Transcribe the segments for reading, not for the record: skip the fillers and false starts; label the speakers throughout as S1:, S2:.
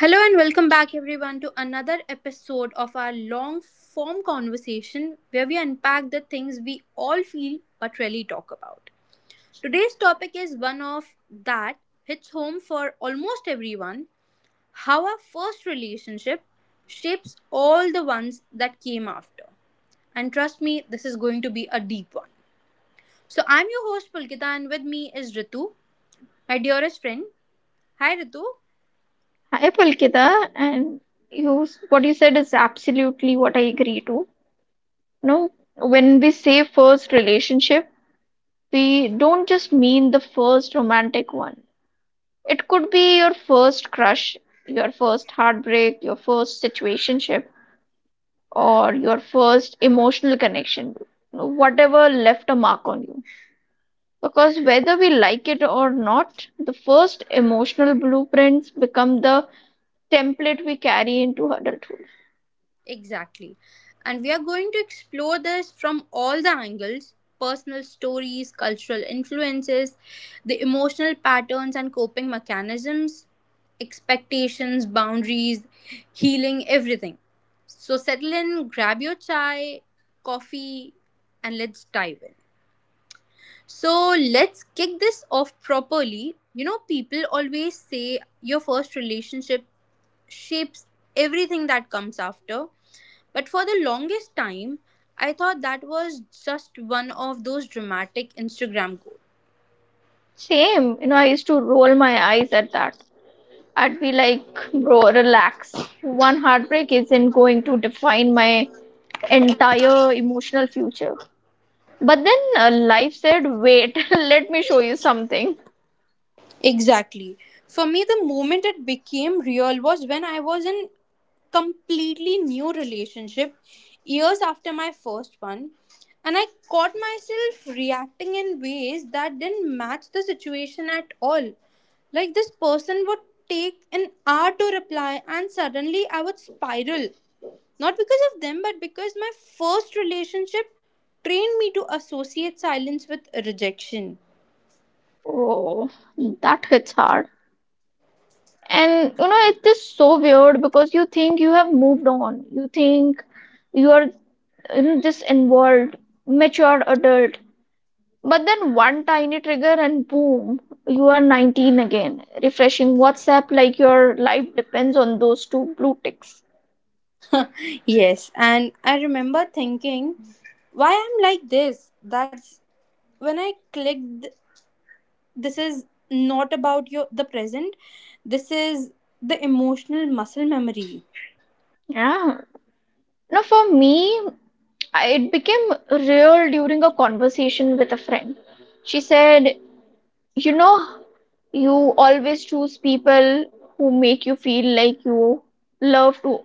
S1: Hello and welcome back, everyone, to another episode of our long form conversation where we unpack the things we all feel but rarely talk about. Today's topic is one of that hits home for almost everyone, how our first relationship shapes all the ones that came after. And trust me, this is going to be a deep one. So, I'm your host Pulkita, and with me is Ritu, my dearest friend. Hi, Ritu.
S2: Hi Pulkita, and you what you said is absolutely what I agree to. No, when we say first relationship, we don't just mean the first romantic one. It could be your first crush, your first heartbreak, your first situationship, or your first emotional connection. No, whatever left a mark on you. Because whether we like it or not, the first emotional blueprints become the template we carry into adulthood.
S1: Exactly. And we are going to explore this from all the angles, personal stories, cultural influences, the emotional patterns and coping mechanisms, expectations, boundaries, healing, everything. So settle in, grab your chai, coffee, and let's dive in. So let's kick this off properly. You know, people always say your first relationship shapes everything that comes after, but for the longest time, I thought that was just one of those dramatic Instagram goals.
S2: Same, you know, I used to roll my eyes at that. I'd be like, bro, relax. One heartbreak isn't going to define my entire emotional future. But then life said, wait, let me show you something.
S1: Exactly. For me, the moment it became real was when I was in completely new relationship years after my first one, and I caught myself reacting in ways that didn't match the situation at all. Like this person would take an hour to reply and suddenly I would spiral, not because of them but because my first relationship trained me to associate silence with rejection.
S2: Oh, that hits hard. And you know, it is so weird because you think you have moved on. You think you are, you know, this involved, mature adult. But then one tiny trigger and boom, you are 19 again, refreshing WhatsApp like your life depends on those two blue ticks.
S1: Yes, and I remember thinking why I'm like this. That's when I clicked, this is not about your the present. This is the emotional muscle memory.
S2: Yeah. Now, for me, it became real during a conversation with a friend. She said, you know, you always choose people who make you feel like you love to,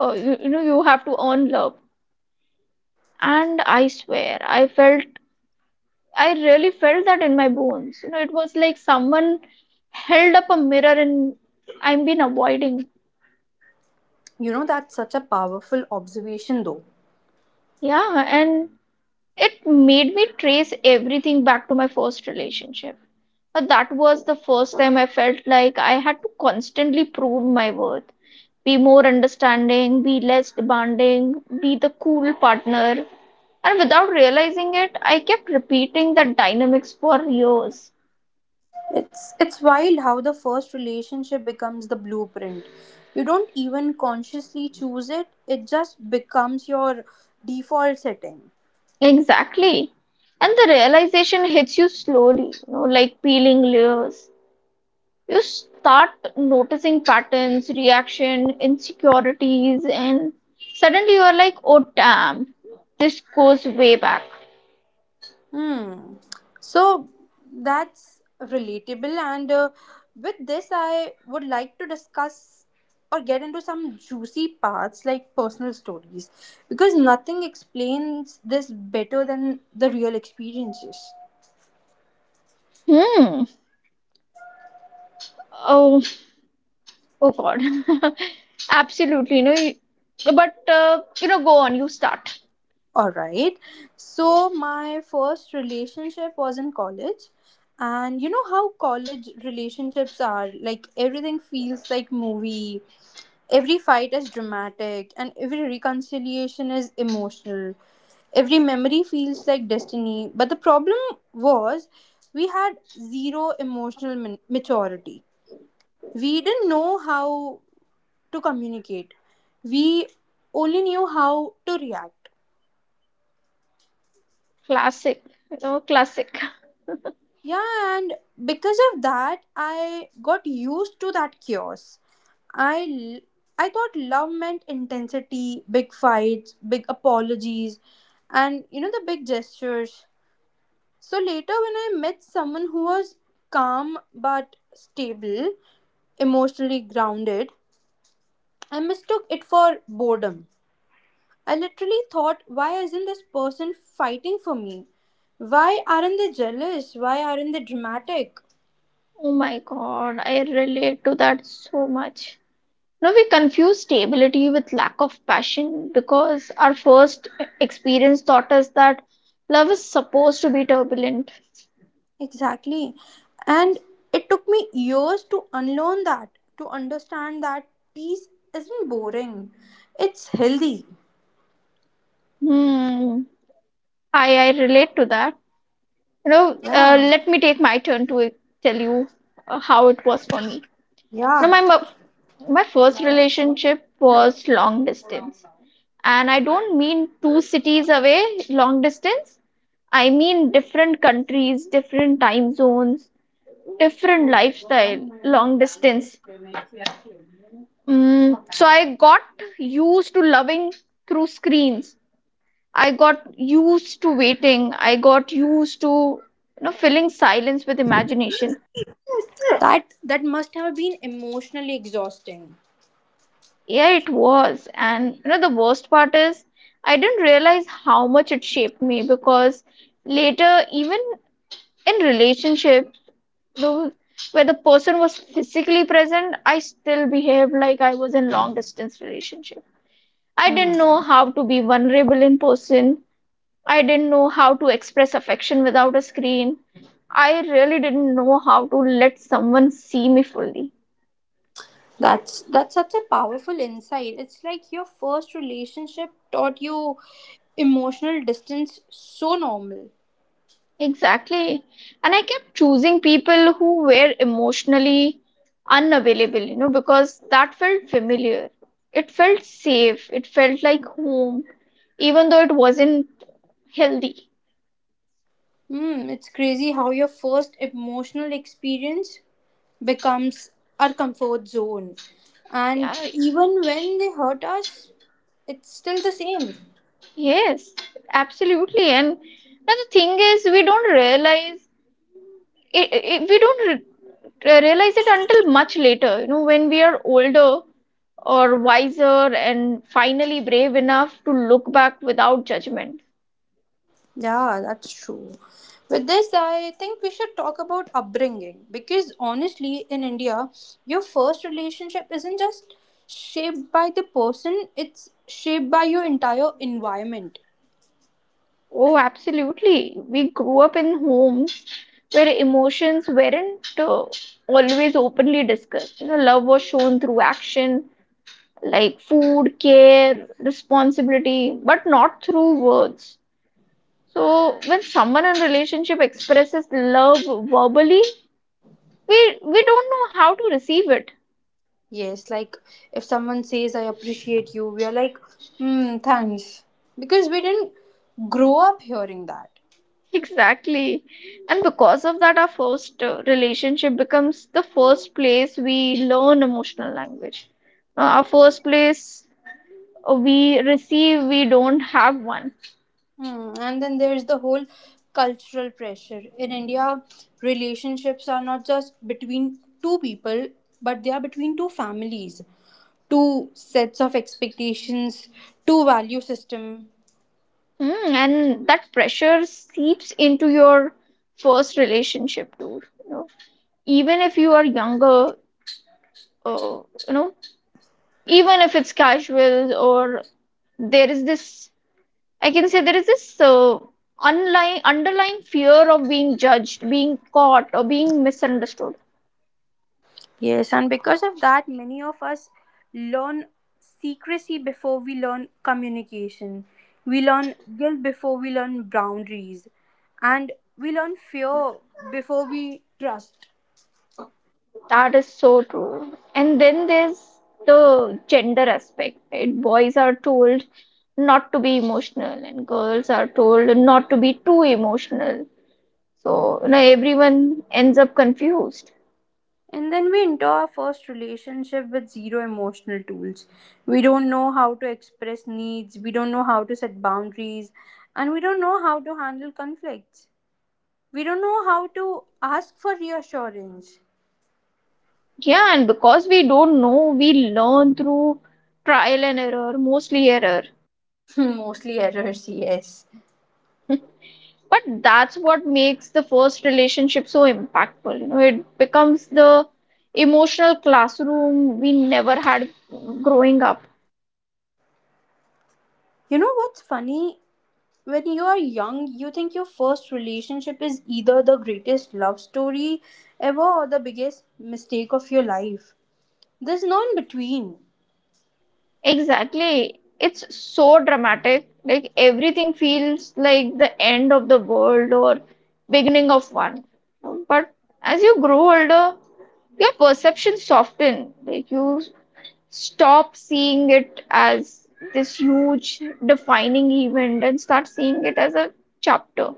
S2: you have to earn love. And I swear, I felt I really felt that in my bones. You know, it was like someone held up a mirror and I've been avoiding.
S1: You know, that's such a powerful observation though.
S2: Yeah, and it made me trace everything back to my first relationship. But that was the first time I felt like I had to constantly prove my worth. Be more understanding, be less demanding, be the cool partner. And without realizing it, I kept repeating that dynamics for years.
S1: It's wild how the first relationship becomes the blueprint. You don't even consciously choose it. It just becomes your default setting.
S2: Exactly. And the realization hits you slowly, you know, like peeling layers. You start noticing patterns, reaction, insecurities, and suddenly you are like, oh damn, this goes way back.
S1: Hmm. So that's relatable, and with this, I would like to discuss or get into some juicy parts like personal stories because nothing explains this better than the real experiences.
S2: Hmm. Oh, oh God. Absolutely, you know, you- but you know, go on, you start.
S1: All right. So my first relationship was in college. And you know how college relationships are? Like everything feels like movie. Every fight is dramatic and every reconciliation is emotional. Every memory feels like destiny. But the problem was, we had zero emotional maturity. We didn't know how to communicate. We only knew how to react.
S2: Classic, you know, classic.
S1: Yeah, and because of that, I got used to that chaos. I l- I thought love meant intensity, big fights, big apologies, and you know the big gestures. So later, when I met someone who was calm but stable, emotionally grounded, I mistook it for boredom. I literally thought, why isn't this person fighting for me? Why aren't they jealous? Why aren't they dramatic?
S2: Oh my God, I relate to that so much. No, we confuse stability with lack of passion because our first experience taught us that love is supposed to be turbulent.
S1: Exactly. And it took me years to unlearn that, to understand that peace isn't boring. It's healthy.
S2: Hmm, I relate to that. You know,
S1: Yeah.
S2: let me take my turn to tell you how it was for me. Now,
S1: Yeah.
S2: my first relationship was long distance, and I don't mean two cities away, long distance. I mean different countries, different time zones, different lifestyle, long distance. Mm, so I got used to loving through screens. I got used to waiting. I got used to, you know, filling silence with imagination.
S1: That that must have been emotionally exhausting.
S2: Yeah, it was. And you know the worst part is I didn't realize how much it shaped me because later, even in relationship, though where the person was physically present, I still behaved like I was in long distance relationship. I
S1: Hmm.
S2: didn't know how to be vulnerable in person. I didn't know how to express affection without a screen. I really didn't know how to let someone see me fully.
S1: That's such a powerful insight. It's like your first relationship taught you emotional distance so normal.
S2: Exactly. And I kept choosing people who were emotionally unavailable, you know, because that felt familiar. It felt safe. It felt like home, even though it wasn't healthy.
S1: Hmm, it's crazy how your first emotional experience becomes our comfort zone.
S2: Yeah,
S1: And even when they hurt us, it's still the same.
S2: yes, absolutely. And now the thing is, we don't realize it, it we don't re- realize it until much later, you know, when we are older or wiser and finally brave enough to look back without judgment.
S1: Yeah, that's true. With this, I think we should talk about upbringing because honestly, in India, your first relationship isn't just shaped by the person, it's shaped by your entire environment.
S2: Oh, absolutely, we grew up in homes where emotions weren't always openly discussed. You know, love was shown through action like food, care, responsibility, but not through words. So when someone in relationship expresses love verbally, we don't know how to receive it.
S1: Yes, like if someone says, I appreciate you, we are like, hmm, thanks. Because we didn't grow up hearing that.
S2: Exactly. And because of that, our first relationship becomes the first place we learn emotional language. Our first place we receive, we don't have one.
S1: Hmm. And then there's the whole cultural pressure. In India, relationships are not just between two people, but they are between two families, two sets of expectations, two value system.
S2: Hmm, and that pressure seeps into your first relationship too, you know, even if you are younger, uh, you know even if it's casual. Or there is this, I can say there is this, underlying fear of being judged, being caught, or being misunderstood.
S1: Yes, and because of that, many of us learn secrecy before we learn communication. We learn guilt before we learn boundaries, and we learn fear before we trust.
S2: That is so true. And then there's the gender aspect, right? Boys are told not to be emotional, and girls are told not to be too emotional. So, you know, everyone ends up confused.
S1: And then we enter our first relationship with zero emotional tools. We don't know how to express needs, we don't know how to set boundaries, and we don't know how to handle conflicts. We don't know how to ask for reassurance.
S2: Yeah, and because we don't know, we learn through trial and error, mostly error.
S1: Mostly errors, yes.
S2: But that's what makes the first relationship so impactful. You know, it becomes the emotional classroom we never had growing up.
S1: You know what's funny? When you are young, you think your first relationship is either the greatest love story ever or the biggest mistake of your life. There's no in between.
S2: Exactly, it's so dramatic. Like everything feels like the end of the world or beginning of one. But as you grow older, your perception soften. Like you stop seeing it as this huge defining event and start seeing it as a chapter.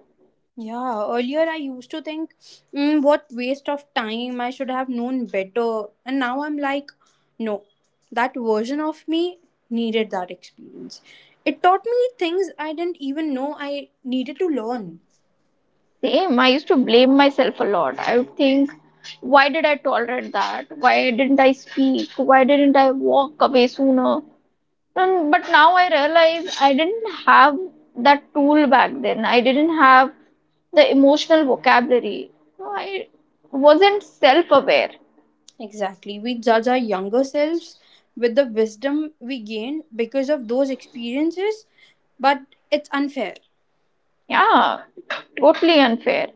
S1: Yeah, earlier I used to think, mm, what waste of time, I should have known better. And now I'm like, no, that version of me needed that experience. It taught me things I didn't even know I needed to learn.
S2: Same, I used to blame myself a lot. I would think, why did I tolerate that? Why didn't I speak? Why didn't I walk away sooner? And, but now I realize I didn't have that tool back then. I didn't have the emotional vocabulary. I wasn't self-aware.
S1: Exactly. We judge our younger selves with the wisdom we gain because of those experiences, but it's unfair.
S2: Yeah, totally unfair.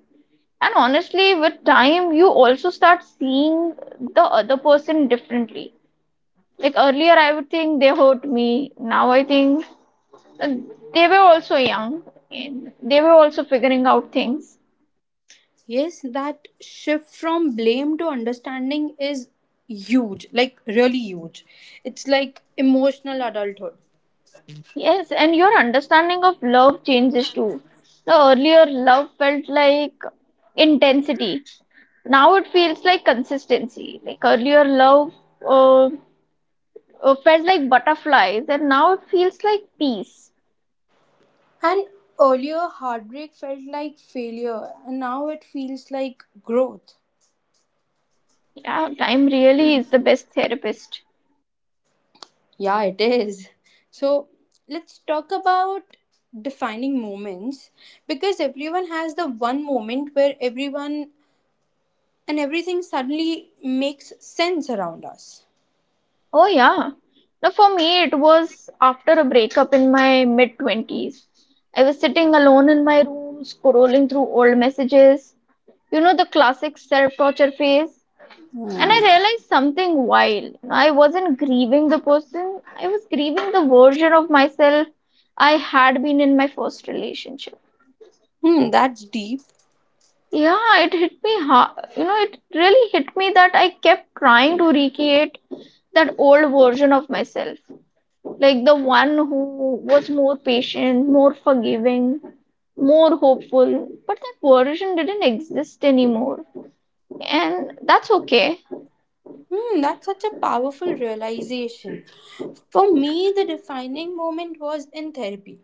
S2: And honestly, with time, you also start seeing the other person differently. Like earlier, I would think they hurt me. Now I think and they were also young and they were also figuring out things.
S1: Yes, that shift from blame to understanding is huge, like really huge. It's like emotional adulthood.
S2: Yes, and your understanding of love changes too. The earlier love felt like intensity. Now it feels like consistency. Like earlier love uh, felt like butterflies and now it feels like peace.
S1: And earlier, heartbreak felt like failure, and now it feels like growth.
S2: Yeah, time really is the best therapist.
S1: Yeah, it is. So, let's talk about defining moments because everyone has the one moment where everyone and everything suddenly makes sense around us.
S2: Oh, yeah. Now, for me, it was after a breakup in my mid 20s. I was sitting alone in my room, scrolling through old messages, you know, the classic self torture phase. And
S1: Hmm.
S2: I realized something wild. I wasn't grieving the person, I was grieving the version of myself I had been in my first relationship.
S1: Hmm, that's deep.
S2: Yeah, it hit me hard. You know, it really hit me that I kept trying to recreate that old version of myself, like the one who was more patient, more forgiving, more hopeful. But that version didn't exist anymore. And that's okay.
S1: Hmm, that's such a powerful realization. For me, the defining moment was in therapy.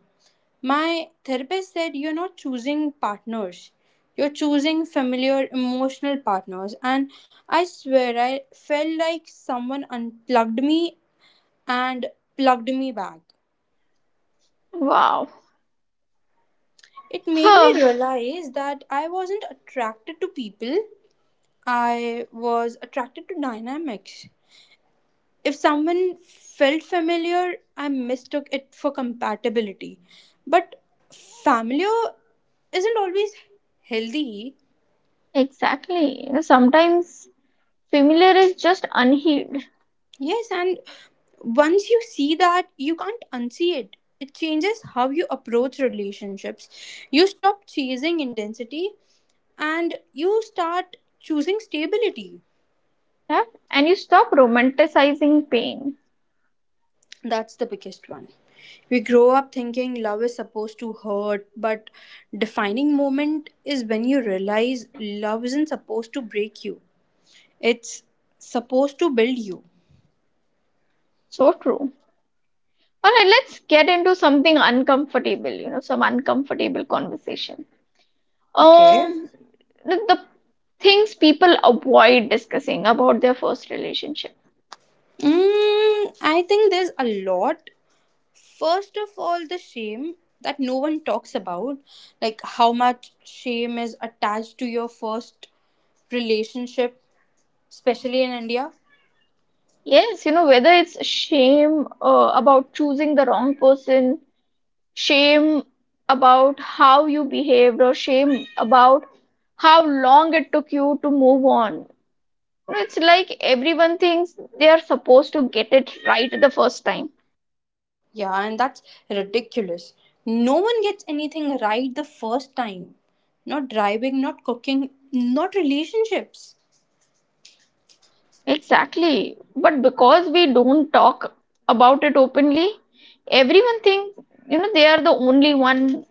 S1: My therapist said, "You're not choosing partners, you're choosing familiar emotional partners." And I swear, I felt like someone unplugged me and plugged me back.
S2: Wow.
S1: It made me
S2: Huh.
S1: realize that I wasn't attracted to people, I was attracted to dynamics. If someone felt familiar, I mistook it for compatibility. But familiar isn't always healthy.
S2: Exactly. You know, sometimes familiar is just unhealed.
S1: Yes, and once you see that, you can't unsee it. It changes how you approach relationships. You stop chasing intensity and you start choosing stability.
S2: Yeah? And you stop romanticizing pain.
S1: That's the biggest one. We grow up thinking love is supposed to hurt, but defining moment is when you realize love isn't supposed to break you. It's supposed to build you.
S2: So true. All right, let's get into something uncomfortable, you know, some uncomfortable conversation.
S1: Okay.
S2: Um, the things people avoid discussing about their first relationship.
S1: Mm, I think there's a lot. First of all, the shame that no one talks about, like how much shame is attached to your first relationship, especially in India.
S2: Yes, you know, whether it's shame about choosing the wrong person, shame about how you behaved, or shame about how long it took you to move on. It's like everyone thinks they are supposed to get it right the first time.
S1: Yeah, and that's ridiculous. No one gets anything right the first time. Not driving, not cooking, not relationships.
S2: Exactly. But because we don't talk about it openly, everyone thinks, you know, they are the only one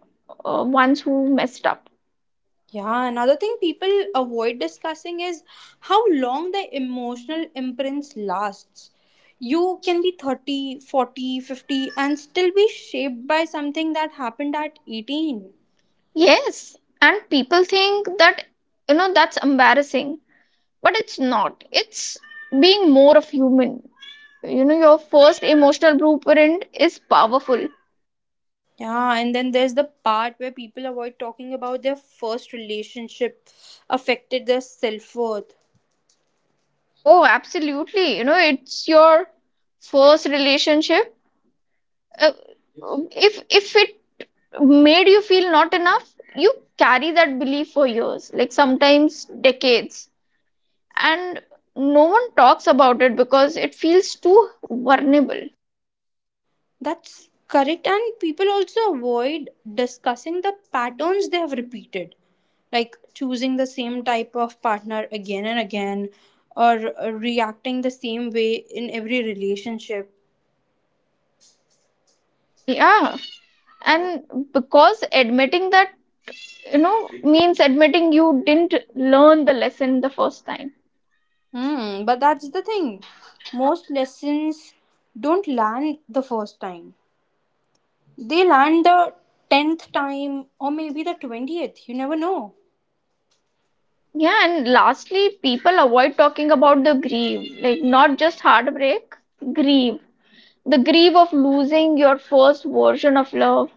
S2: uh, ones who messed up.
S1: Yeah, another thing people avoid discussing is how long the emotional imprints lasts. You can be 30, 40, 50, and still be shaped by something that happened at 18.
S2: Yes, and people think that, you know, that's embarrassing, but it's not. It's being more of human. You know, your first emotional blueprint is powerful.
S1: Yeah, and then there's the part where people avoid talking about their first relationship affected their self worth.
S2: Oh, absolutely. You know, it's your first relationship. Uh, if it made you feel not enough, you carry that belief for years, like sometimes decades. And no one talks about it because it feels too vulnerable.
S1: That's correct, and people also avoid discussing the patterns they have repeated, like choosing the same type of partner again and again, or reacting the same way in every relationship.
S2: Yeah. And because admitting that, you know, means admitting you didn't learn the lesson the first time.
S1: Hmm, but that's the thing. Most lessons don't land the first time. They land the tenth time or maybe the 20th. You never know.
S2: Yeah. And lastly, people avoid talking about the grief, like not just heartbreak, grief. The grief of losing your first version of love,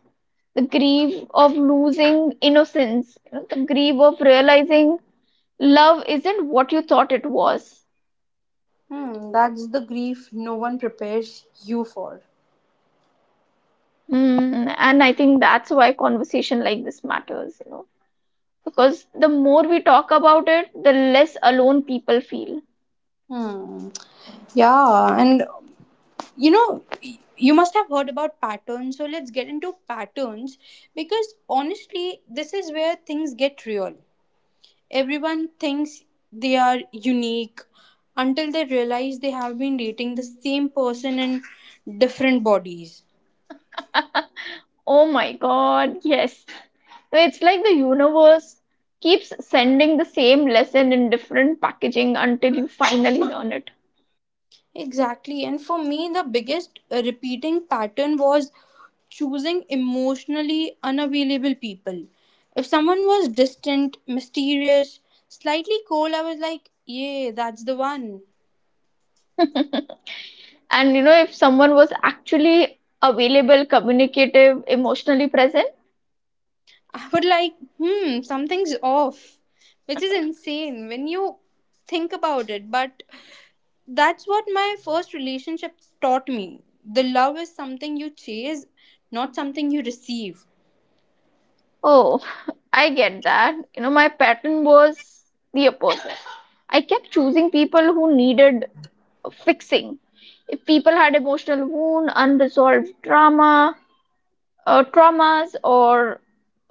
S2: the grief of losing innocence, you know, the grief of realizing love isn't what you thought it was.
S1: Hmm, that's the grief no one prepares you for.
S2: Hmm, and I think that's why conversation like this matters, you know, because the more we talk about it, the less alone people feel.
S1: Hmm. Yeah, and you know, you must have heard about patterns, so let's get into patterns because honestly, this is where things get real. Everyone thinks they are unique until they realize they have been dating the same person in different bodies.
S2: Oh my God, yes. So it's like the universe keeps sending the same lesson in different packaging until you finally learn it.
S1: Exactly. And for me, the biggest repeating pattern was choosing emotionally unavailable people. If someone was distant, mysterious, slightly cold, I was like, yeah, that's the one.
S2: And you know, if someone was actually available, communicative, emotionally present.
S1: I would like, hmm, something's off, which is insane when you think about it. But that's what my first relationship taught me. The love is something you chase, not something you receive.
S2: Oh, I get that. You know, my pattern was the opposite. I kept choosing people who needed fixing. If people had emotional wound, unresolved trauma, traumas, or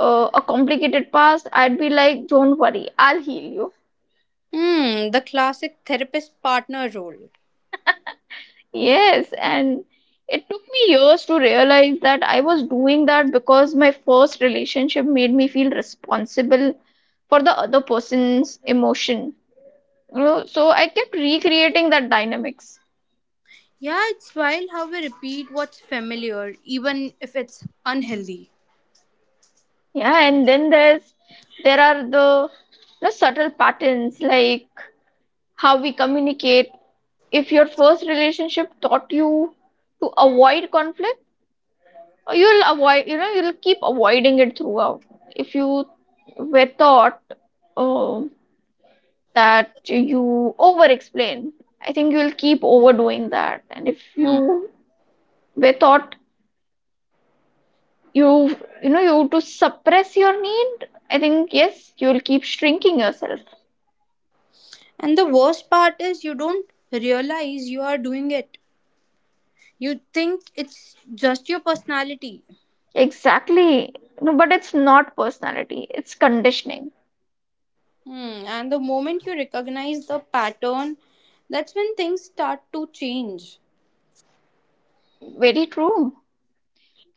S2: a complicated past, I'd be like, "Don't worry, I'll heal you."
S1: Hmm, the classic therapist partner role.
S2: Yes, and it took me years to realize that I was doing that because my first relationship made me feel responsible for the other person's emotion. So I kept recreating that dynamics.
S1: Yeah, it's wild how we repeat what's familiar, even if it's unhealthy.
S2: Yeah, and then there are the subtle patterns like how we communicate. If your first relationship taught you to avoid conflict, you'll keep avoiding it throughout. If you were taught uh, that you over explain, I think you'll keep overdoing that. And if
S1: Hmm.
S2: you were taught you you know you to suppress your need, I think, yes, you will keep shrinking yourself.
S1: And the worst part is you don't realize you are doing it. You think it's just your personality.
S2: Exactly. No, but it's not personality, it's conditioning.
S1: Hmm. And the moment you recognize the pattern, that's when things start to change.
S2: Very true.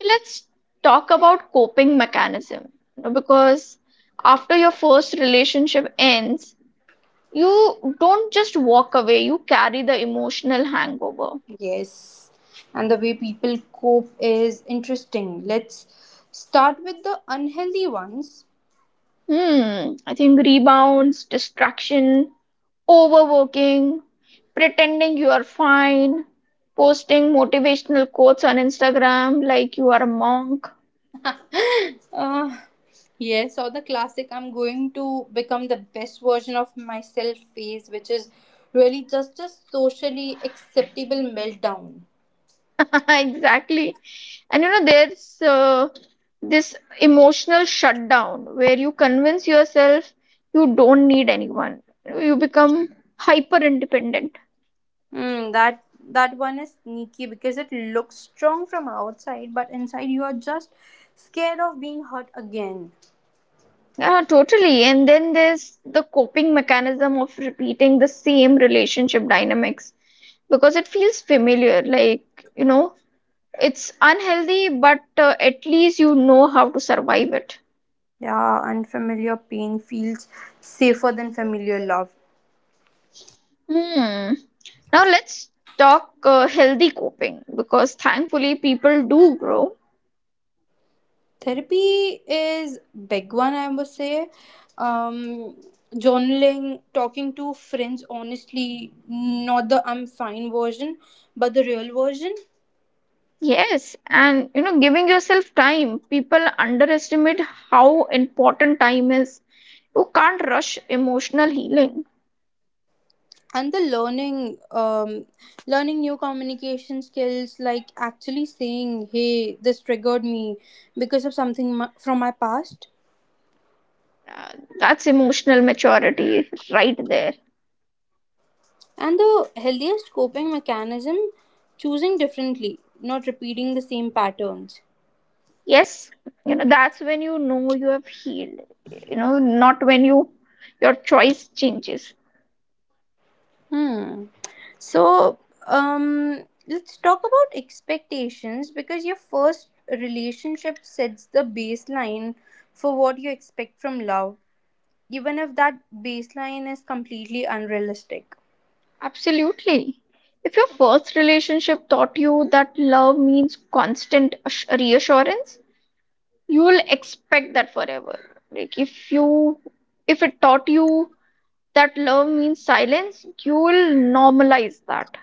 S2: Let's talk about coping mechanism, you know, because after your first relationship ends, you don't just walk away, you carry the emotional hangover.
S1: Yes. And the way people cope is interesting. Let's start with the unhealthy ones.
S2: Hmm, I think rebounds, distraction, overworking, pretending you are fine, posting motivational quotes on Instagram like you are a monk.
S1: uh, yes, or the classic I'm going to become the best version of myself phase, which is really just a socially acceptable meltdown.
S2: Exactly. And you know, there's this emotional shutdown where you convince yourself you don't need anyone. You become hyper independent.
S1: Mm, that that one is sneaky because it looks strong from outside, but inside you are just scared of being hurt again.
S2: Yeah, totally. And then there's the coping mechanism of repeating the same relationship dynamics because it feels familiar. Like, you know, it's unhealthy, but at least you know how to survive it.
S1: Yeah, unfamiliar pain feels safer than familiar love.
S2: Hmm. Now let's talk healthy coping because thankfully people do grow.
S1: Therapy is big one, I must say. Um, journaling, talking to friends, honestly, not the I'm fine version, but the real version.
S2: Yes, and you know, giving yourself time. People underestimate how important time is. You can't rush emotional healing.
S1: And the learning, learning new communication skills, like actually saying, "Hey, this triggered me because of something from my past."
S2: uh, that's emotional maturity right there.
S1: And the healthiest coping mechanism, choosing differently, not repeating the same patterns.
S2: Yes, you know that's when you know you have healed, you know, not when you, your choice changes.
S1: Hmm. So, let's talk about expectations because your first relationship sets the baseline for what you expect from love, even if that baseline is completely unrealistic.
S2: Absolutely. If your first relationship taught you that love means constant reassurance, you will expect that forever. Like if you, if it taught you that love means silence, you will normalize that.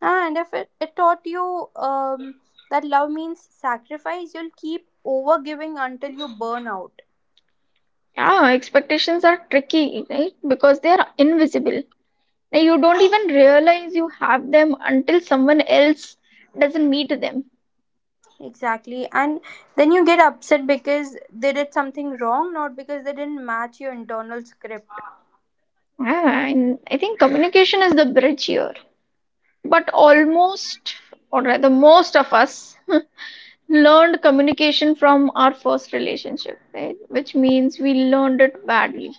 S1: Ah, and if it taught you that love means sacrifice, you'll keep over giving until you burn out.
S2: Yeah, expectations are tricky, right? Because they are invisible. Now, you don't even realize you have them until someone else doesn't meet them.
S1: Exactly. And then you get upset because they did something wrong, not because they didn't match your internal script.
S2: Ah, and I think communication is the bridge here. But almost, or rather, most of us learned communication from our first relationship, right? Which means we learned it badly.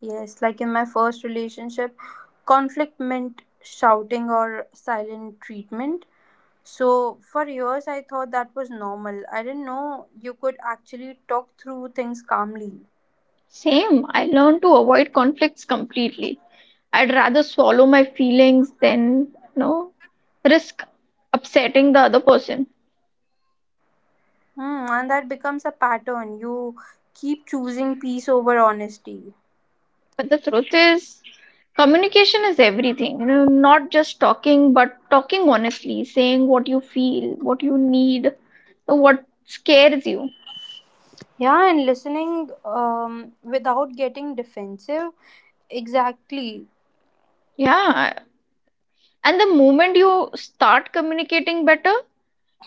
S1: Yes, like in my first relationship, conflict meant shouting or silent treatment. So, for years, I thought that was normal. I didn't know you could actually talk through things calmly.
S2: Same, I learned to avoid conflicts completely. I'd rather swallow my feelings than, you know, risk upsetting the other person.
S1: Hmm, and that becomes a pattern. You keep choosing peace over honesty.
S2: But the truth is, communication is everything. You know, not just talking, but talking honestly, saying what you feel, what you need, so what scares you.
S1: Yeah, and listening without getting defensive. Exactly.
S2: Yeah. And the moment you start communicating better,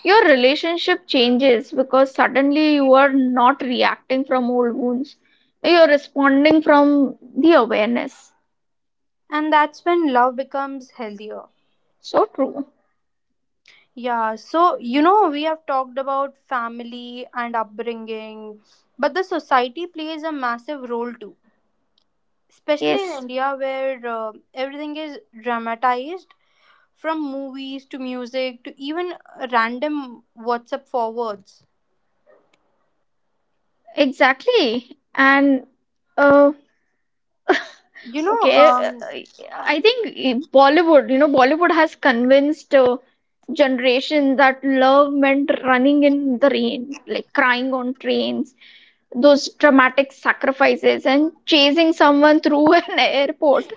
S2: your relationship changes because suddenly you are not reacting from old wounds. You're responding from the awareness.
S1: And that's when love becomes healthier.
S2: So true.
S1: Yeah, so you know, we have talked about family and upbringing, but the society plays a massive role too, especially in
S2: Yes,
S1: India where everything is dramatized from movies to music to even random WhatsApp forwards.
S2: exactly. And uh,
S1: You know,
S2: Okay, I think Bollywood, you know, Bollywood has convinced generation that love meant running in the rain, like crying on trains, those dramatic sacrifices, and chasing someone through an airport.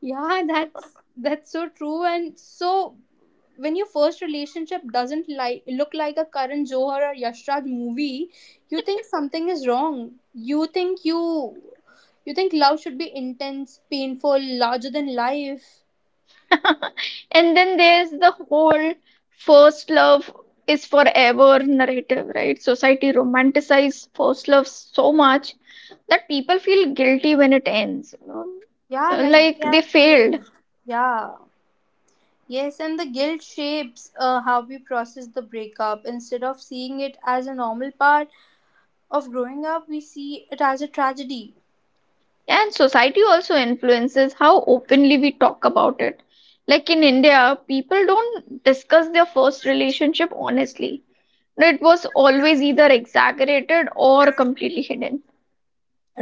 S1: yeah, that's so true. And so when your first relationship doesn't like look like a Karan Johar or Yash Raj movie, you think something is wrong. You you think love should be intense, painful, larger than life.
S2: And then there's the whole first love is forever narrative, right? Society romanticizes first love so much that people feel guilty when it ends, you
S1: Yeah,
S2: know,
S1: like they
S2: like they
S1: have
S2: failed.
S1: failed. Yeah. Yes, and the guilt shapes how we process the breakup. Instead of seeing it as a normal part of growing up, we see it as a tragedy.
S2: And society also influences how openly we talk about it. Like in India, people don't discuss their first relationship honestly. It was always either exaggerated or completely hidden.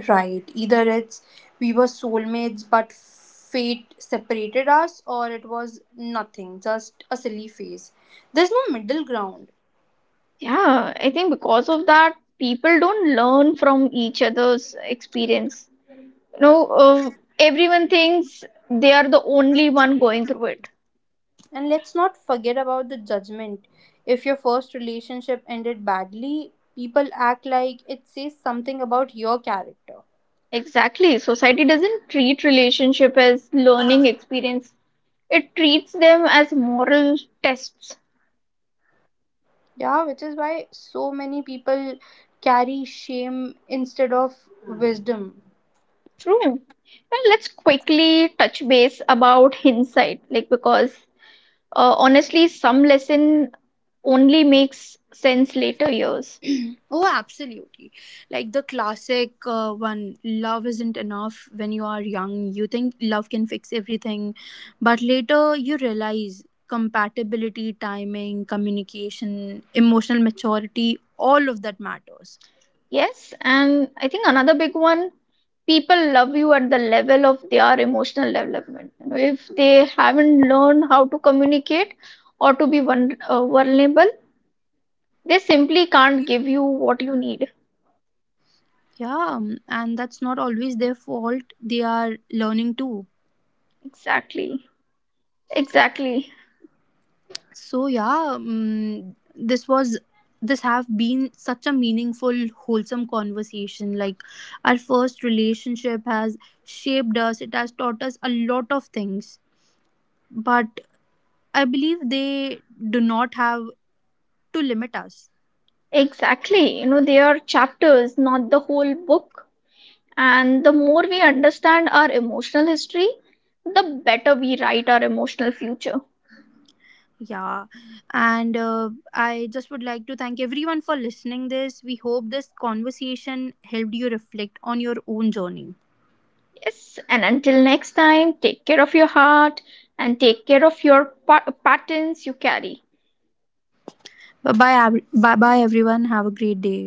S1: Right. Either it's we were soulmates but fate separated us, or it was nothing, just a silly phase. There's no middle ground.
S2: Yeah, I think because of that, people don't learn from each other's experience. You know, everyone thinks they are the only one going through it.
S1: And let's not forget about the judgment. If your first relationship ended badly, people act like it says something about your character.
S2: Exactly. Society doesn't treat relationship as learning experience. It treats them as moral tests.
S1: Yeah, which is why so many people carry shame instead of wisdom.
S2: True. Well, let's quickly touch base about hindsight, like because honestly, some lesson only makes sense later years.
S1: Oh, absolutely. Like the classic one love isn't enough when you are young. You think love can fix everything, but later you realize compatibility, timing, communication, emotional maturity, all of that matters.
S2: Yes, and I think another big one, people love you at the level of their emotional development. You know, if they haven't learned how to communicate or to be vulnerable, they simply can't give you what you need.
S1: Yeah, and that's not always their fault. They are learning too.
S2: Exactly. Exactly.
S1: So yeah, this was this have been such a meaningful wholesome conversation. Like our first relationship has shaped us, it has taught us a lot of things, but I believe they do not have to limit us.
S2: Exactly. You know, they are chapters, not the whole book. And the more we understand our emotional history, the better we write our emotional future.
S1: Yeah, and I just would like to thank everyone for listening this. We hope this conversation helped you reflect on your own journey.
S2: Yes. And until next time, take care of your heart and take care of your patterns you carry.
S1: Bye bye. Bye bye, everyone, have a great day.